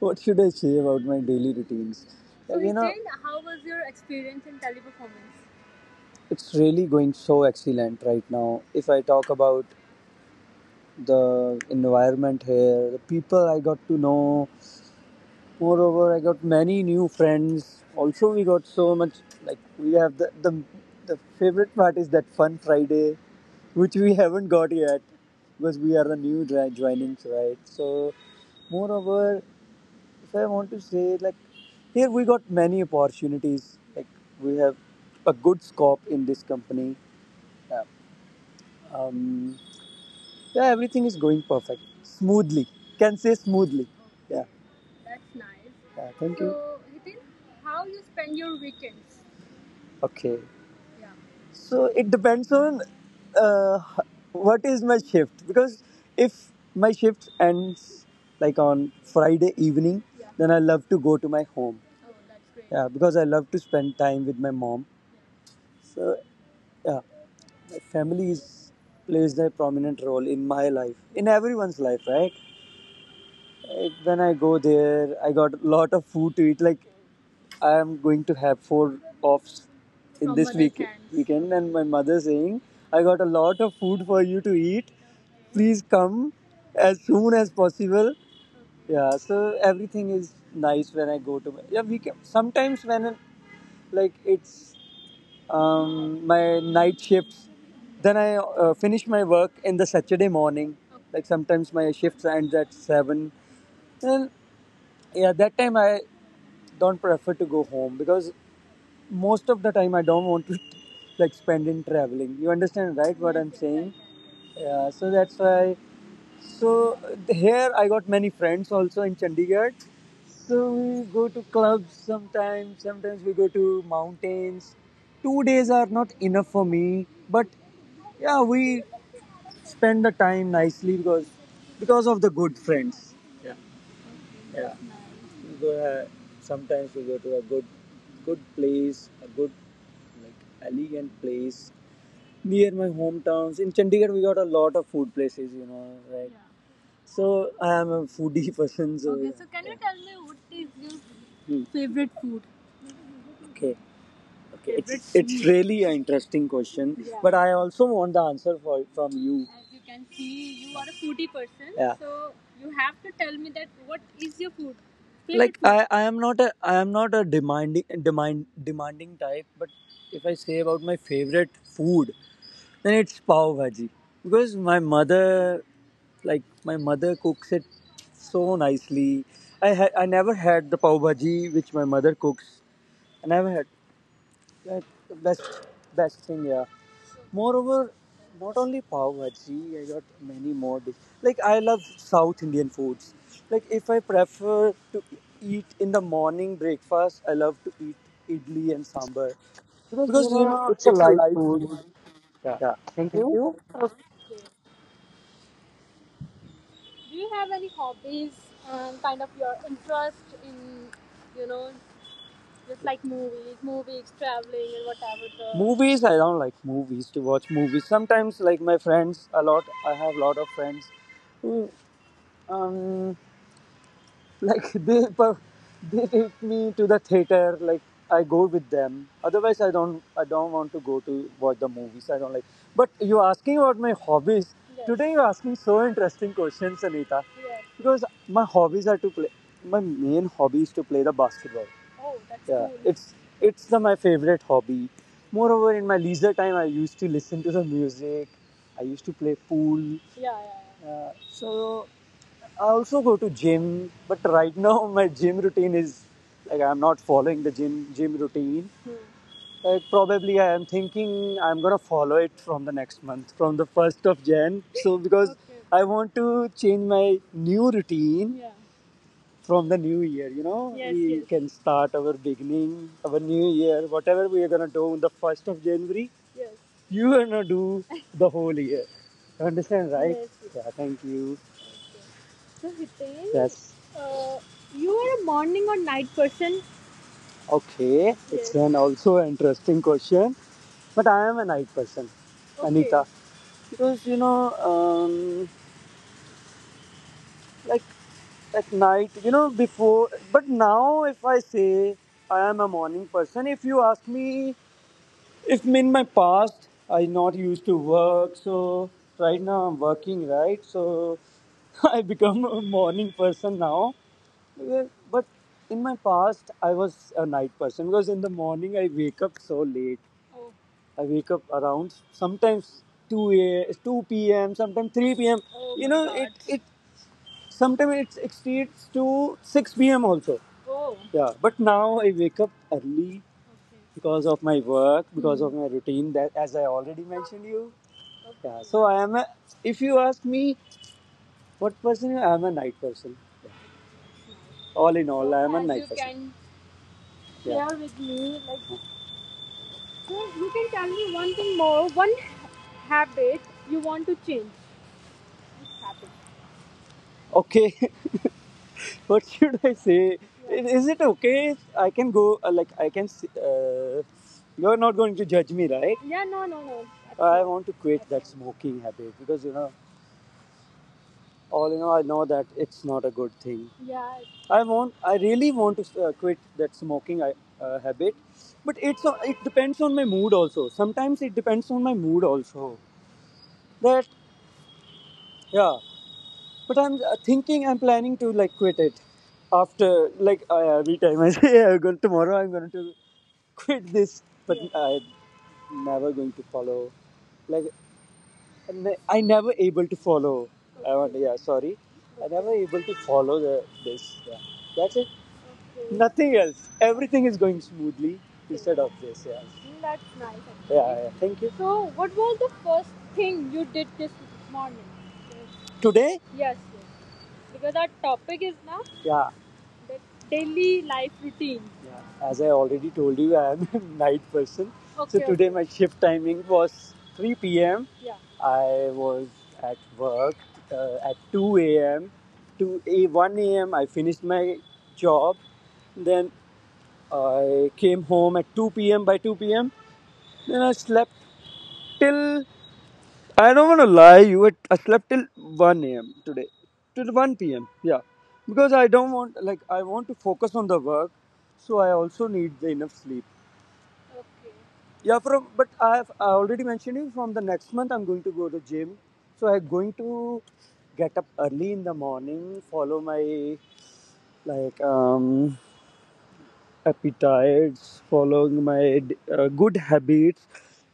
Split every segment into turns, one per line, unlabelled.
what should I say about my daily routines? So, like, Hiten, how was your experience in teleperformance? It's really going so excellent right now. If I talk about the environment here, the people I got to know, moreover, I got many new friends. Also, we got so much like we have the favorite part is that fun Friday, which we haven't got yet because we are the new joinings, right? So, moreover, if I want to say, like, here we got many opportunities. Like, we have a good scope in this company. Yeah. Um, yeah, everything is going perfect, smoothly. Can say smoothly. Okay. Yeah. That's nice. Yeah, thank you. So, Hitin, how you spend your weekends? Okay. So it depends on uh, what is my shift, because if my shift ends like on Friday evening, then I love to go to my home. Yeah, because I love to spend time with my mom. So yeah, my family is plays a prominent role in my life, in everyone's life, right? Like, when I go there, I got a lot of food to eat. Like I am going to have four offs in. From this mother's week hands, weekend, and my mother saying, "I got a lot of food for you to eat. Please come as soon as possible." Yeah, so everything is nice when I go to. My, yeah, we can, sometimes when like it's my night shifts. Then I finish my work in the Saturday morning. Like sometimes my shifts ends at seven, well, yeah, that time I don't prefer to go home because most of the time I don't want to like spend in traveling. You understand, right? What I'm saying? Yeah. So that's why. So here I got many friends also in Chandigarh. So we go to clubs sometimes. Sometimes we go to mountains. 2 days are not enough for me, but yeah, we spend the time nicely because of the good friends. Yeah. Yeah. You go. Sometimes you go to a good place, a good, like elegant place near my hometowns. In Chandigarh, we got a lot of food places. You know, right? Yeah. So I am a foodie person. So okay, yeah, so can you, yeah, tell me, what is your, hmm, favorite food? Okay. Okay, it's really an interesting question, yeah, but I also want the answer for from you. As you can see, you are a foodie person, yeah, so you have to tell me that what is your food? Favorite like food? I am not a demanding demanding type, but if I say about my favorite food, then it's pav bhaji because like my mother cooks it so nicely. I never had the pav bhaji which my mother cooks. I never had. That the best thing, yeah. Moreover, not only pav bhaji, I got many more dishes. Like I love South Indian foods. Like if I prefer to eat in the morning breakfast, I love to eat idli and sambar
because
because
it's a
it's a
light
light
food.
food.
Yeah.
Yeah.
Thank
Thank
you.
you. Do you have any hobbies and kind of your interest in, you know? Just like movies, traveling, and whatever. Movies, I don't like movies to watch movies sometimes, like my friends a lot I have a lot of friends who, um like they they take me to the theater. Like I go with them, otherwise I don't want to go to watch the movies I don't like. But you're asking about my hobbies. Yes. Today you're asking so interesting questions, Anita. Yes. Because my main hobby is to play the basketball. Oh, that's yeah, cool. It's my favorite hobby. Moreover, in my leisure time, I used to listen to the music. I used to play pool. Yeah, yeah, yeah. So I also go to gym, but right now my gym routine is like I'm not following the gym routine. Hmm. Like probably I am thinking I'm gonna follow it from the next month, from the first of Jan. So because okay, I want to change my new routine. Yeah, from the new year, you know, yes, we, yes, can start our beginning, our new year, whatever we are gonna do on the first of January, yes, you are gonna do the whole year. You understand, right? Yes, yes. Yeah, thank you. So Hiten, yes, uh, you are a morning or night person? Okay, it's, yes, an also an interesting question, but I am a night person, okay, Anita, because um, like at night, before. But now, if I say I am a morning person, if you ask me, if in my past I not used to work, so right now I'm working, right? So I become a morning person now. Yeah, but in my past, I was a night person because in the morning I wake up so late. Oh. I wake up around sometimes 2 2 p.m., sometimes 3 p.m. You my know God. It Sometimes it exceeds to 6 p.m. also. Oh. Yeah, but now I wake up early, okay, because of my work, because of my routine. That, as I already mentioned you. Okay. Yeah, okay, so I am a. If you ask me, what person, I am a night person. Yeah. All in all, I am a. As night you person can, yeah, share, yeah, with me, like, so you can tell me one thing more, one habit you want to change. Which habit? Okay. What should I say? Is it okay if I can go? Like I can. Uh, you're not going to judge me, right? Yeah, no, no, no. I want to quit that smoking habit because all in all, I know that it's not a good thing. Yeah, I really want to quit that smoking habit, but it's it depends on my mood also. Sometimes it depends on my mood also. That yeah, but I'm thinking I'm planning to like quit it after like I every time I say yeah, going tomorrow I'm going to quit this, but yeah, I'm never going to follow. Like I never able to follow. I want, yeah, sorry, I never able to follow the this. Yeah. That's it. Nothing else. Everything is going smoothly instead of this. Yeah. That's nice, actually. Yeah, yeah. Thank you. So, what was the first thing you did this morning? Today, yes, yes, because our topic is now, yeah, the daily life routine, yeah. As I already told you, I am a night person. Okay. So today, okay, my shift timing was 3 p.m. Yeah. I was at work at 2 a.m. to a 1 a.m. I finished my job. Then I came home at 2 p.m. By 2 p.m. Then I slept till, I don't want to lie, you, I slept till 1 a.m. today, till 1 p.m. Yeah, because I don't want like I want to focus on the work, so I also need the enough sleep. Yeah, from but I have I already mentioned you, from the next month I'm going to go to gym, so I'm going to get up early in the morning, follow my like appetites, following my good habits.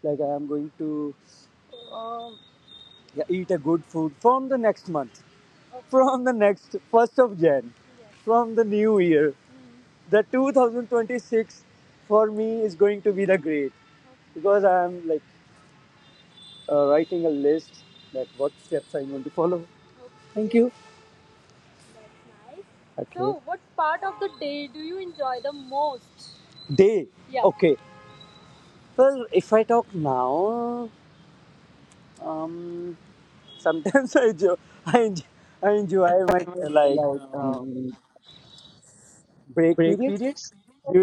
Like I am going to um, yeah, eat a good food from the next month, from the next first of Jan, from the new year. The 2026 for me is going to be the great because I am like writing a list like what steps I'm going to follow. Thank you. Nice. Okay. So, what part of the day do you enjoy the most? Day. Yeah. Okay. Well, if I talk now, um, sometimes I enjoy, I enjoy my
Uh, Like
Break
break
periods
periods.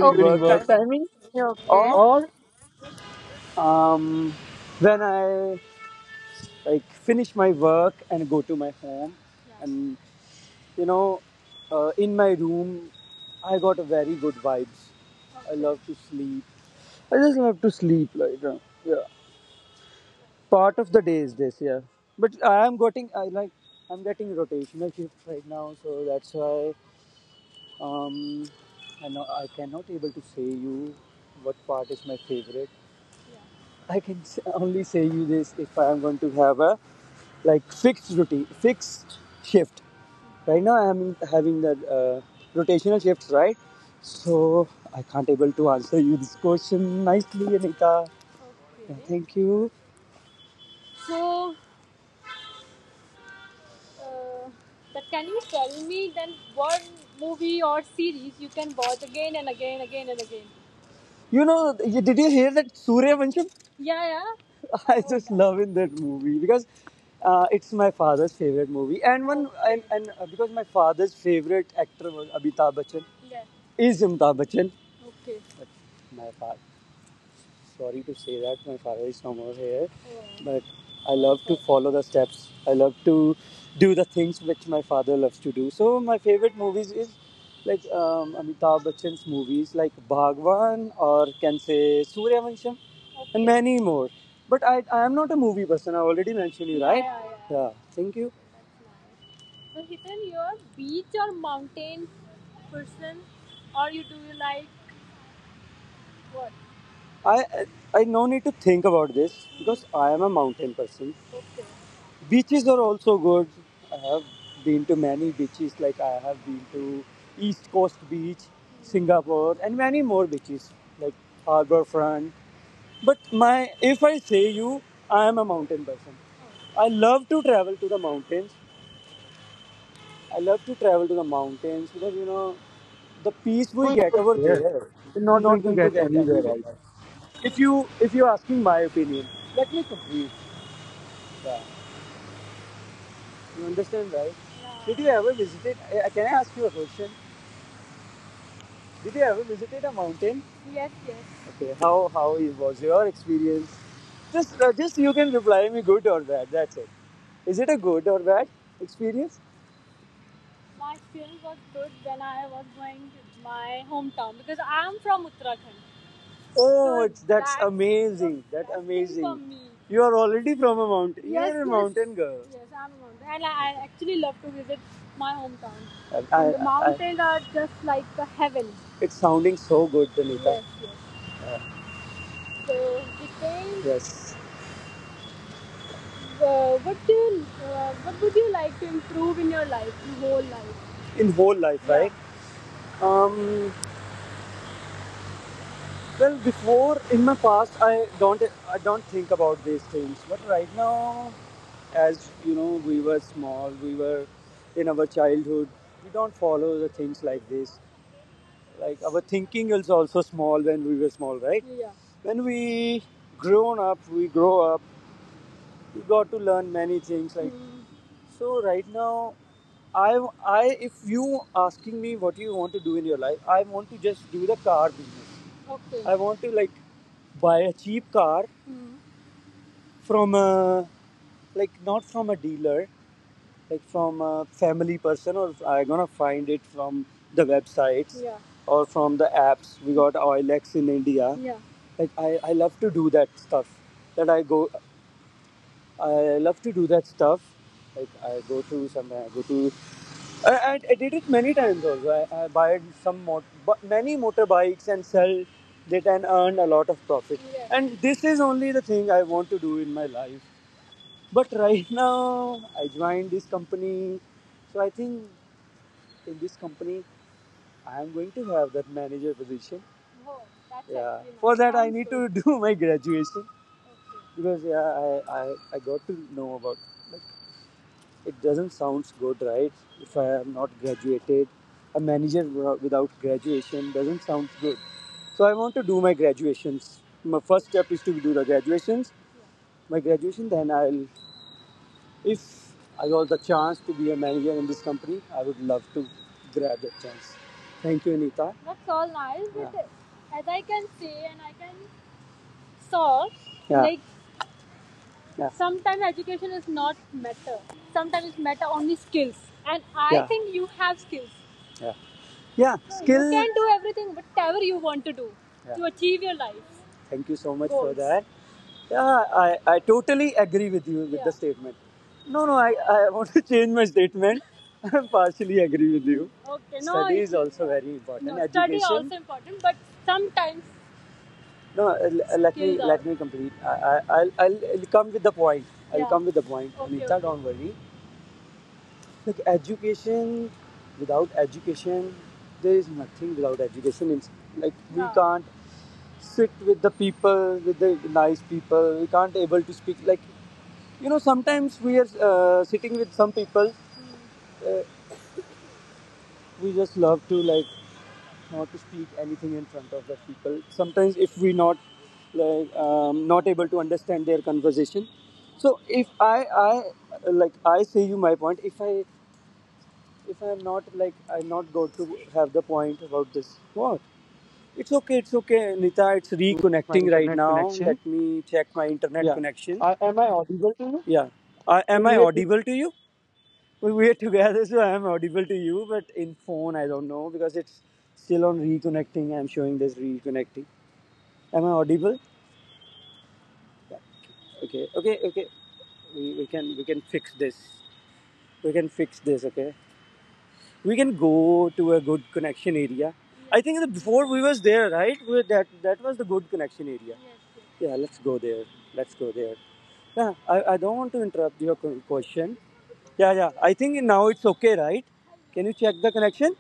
Okay. During
work
work
time,
timing. Yeah, okay.
or
Or
um, when I like finish my work and go to my home, and you know in my room I got a very good vibes. I love to sleep. I just love to sleep, like yeah. Part of the day is this, yeah. But I am getting I like I'm getting rotational shift right now, so that's why um, I know I cannot able to say you what part is my favorite. I can only say you this if I am going to have a like fixed routine, fixed shift. Right now I am having the rotational shifts, right? So I can't able to answer you this question nicely, Anita. Yeah, okay, thank you. So, uh, but can you tell me then what movie or series you can watch again and again, You know, did you hear that Surya Vansham? Yeah, yeah. I just love in that movie because it's my father's favorite movie, and because my father's favorite actor was Amitabh Bachchan, Yeah. is Amitabh Bachchan. Okay. But My father sorry to say that my father is no more here, but I love to follow the steps. I love to do the things which my father loves to do. So my favorite movies is like Amitabh Bachchan's movies, like Bhagwan, or can say Suryavansham and many more. But I am not a movie person. I already mentioned you, right? Yeah, yeah, yeah, yeah. Thank you. So Hitan, you're a beach or mountain person, or you do you like what? I I no need to think about this because I am a mountain person. Okay. Beaches are also good. I have been to many beaches, like I have been to East Coast Beach, Singapore, and many more beaches like Harbour Front. But my if I say you, I am a mountain person. I love to travel to the mountains, I love to travel to the mountains, because you know the peace we
we
get
are
over
there.
there,
We're
I'm
not
not
going to
going to
get
get
anywhere
anywhere
else
else. If you're asking my opinion, let me complete that. You understand, right? Yeah. Did you ever visited can I ask you a question? Did you ever visited a mountain? Yes, yes. Okay, how it was your experience? Just you can reply me good or bad. That's it. Is it a good or bad experience? My experience was good when I was going to my hometown, because I'm from Uttarakhand. Oh, so it's that's amazing. The That's best for amazing. Me. You are already from a mountain. You Yes, you are a yes. mountain girl. Yes, I'm a mountain. And I actually love to visit my hometown. And the mountains are just like the heaven. It's sounding so good, Danita. Yes, yes. Yeah. So, Dipen, yes, what would you like to improve in your life? In whole life? In whole life, yeah, right? Um, Well, before in my past, I don't think about these things. But right now, as you know, we were small. We were in our childhood. We don't follow the things like this. Like our thinking is also small when we were small, right? Yeah. When we grow up, you got to learn many things, like mm. So right now, I I if you asking me what you want to do in your life, I want to just do the car business. Okay. I want to like buy a cheap car. Mm. From a like not from a dealer, like from a family person, or I'm gonna find it from the websites, yeah, or from the apps. We got Oilex in India. Yeah. Like I love to do that stuff that I go I love to do that stuff. Like I go to somewhere, I go to. I did it many times also. I buy some many motorbikes and sell it and earn a lot of profit. Yeah. And this is only the thing I want to do in my life. But right now, I joined this company, so I think in this company, I am going to have that manager position. Wow, that's yeah, for nice. That, I need to do my graduation. Okay. Because yeah, I got to know about like it doesn't sound good, right? If I am not graduated, a manager without graduation doesn't sound good. So I want to do my graduations. My first step is to do the graduations. Yeah. My graduation, then I'll if I got the chance to be a manager in this company, I would love to grab that chance. Thank you, Anita. That's all nice, but yeah, as I can see and I can saw, yeah, like yeah, sometimes education is not matter. Sometimes it's matter only skills, and I yeah think you have skills. Yeah. Yeah. Skill. You can do everything, whatever you want to do, yeah, to achieve your life. Thank you so much goals for that. Yeah, I totally agree with you with yeah the yeah statement. No, no, I want to change my statement. I partially agree with you. Okay, no, study is also very important. No, study education also important, but sometimes. No, let me let me complete. I'll come with the point. I'll yeah come with the point. Okay, Anita, okay, don't worry. Look, education. Without education, there is nothing. Without education, it's like we yeah can't sit with the people, with the nice people. We can't able to speak, like you know. Sometimes we are sitting with some people. We just love to like not to speak anything in front of the people. Sometimes if we not like not able to understand their conversation. So if I I like I say you my point. If I if I'm not like I'm not going to have the point about this. What? It's okay, Nita. It's
to get my
reconnecting right
internet
now. Let
connection.
me check my internet
Yeah.
connection.
Am I audible to you?
Yeah.
So
Am I
we are
audible to you? We're together, so I'm audible to you, but in phone, I don't know because it's still on reconnecting. I'm showing this reconnecting. Am I audible? Okay, okay, okay. We can we can fix this. We can fix this. Okay. We can go to a good connection area. I think that before we was there, right? That that was the good connection area. Yes, yes. Yeah, let's go there. Let's go there. Yeah, I don't want to interrupt your question. Yeah, yeah. I think now it's okay, right? Can you check the connection?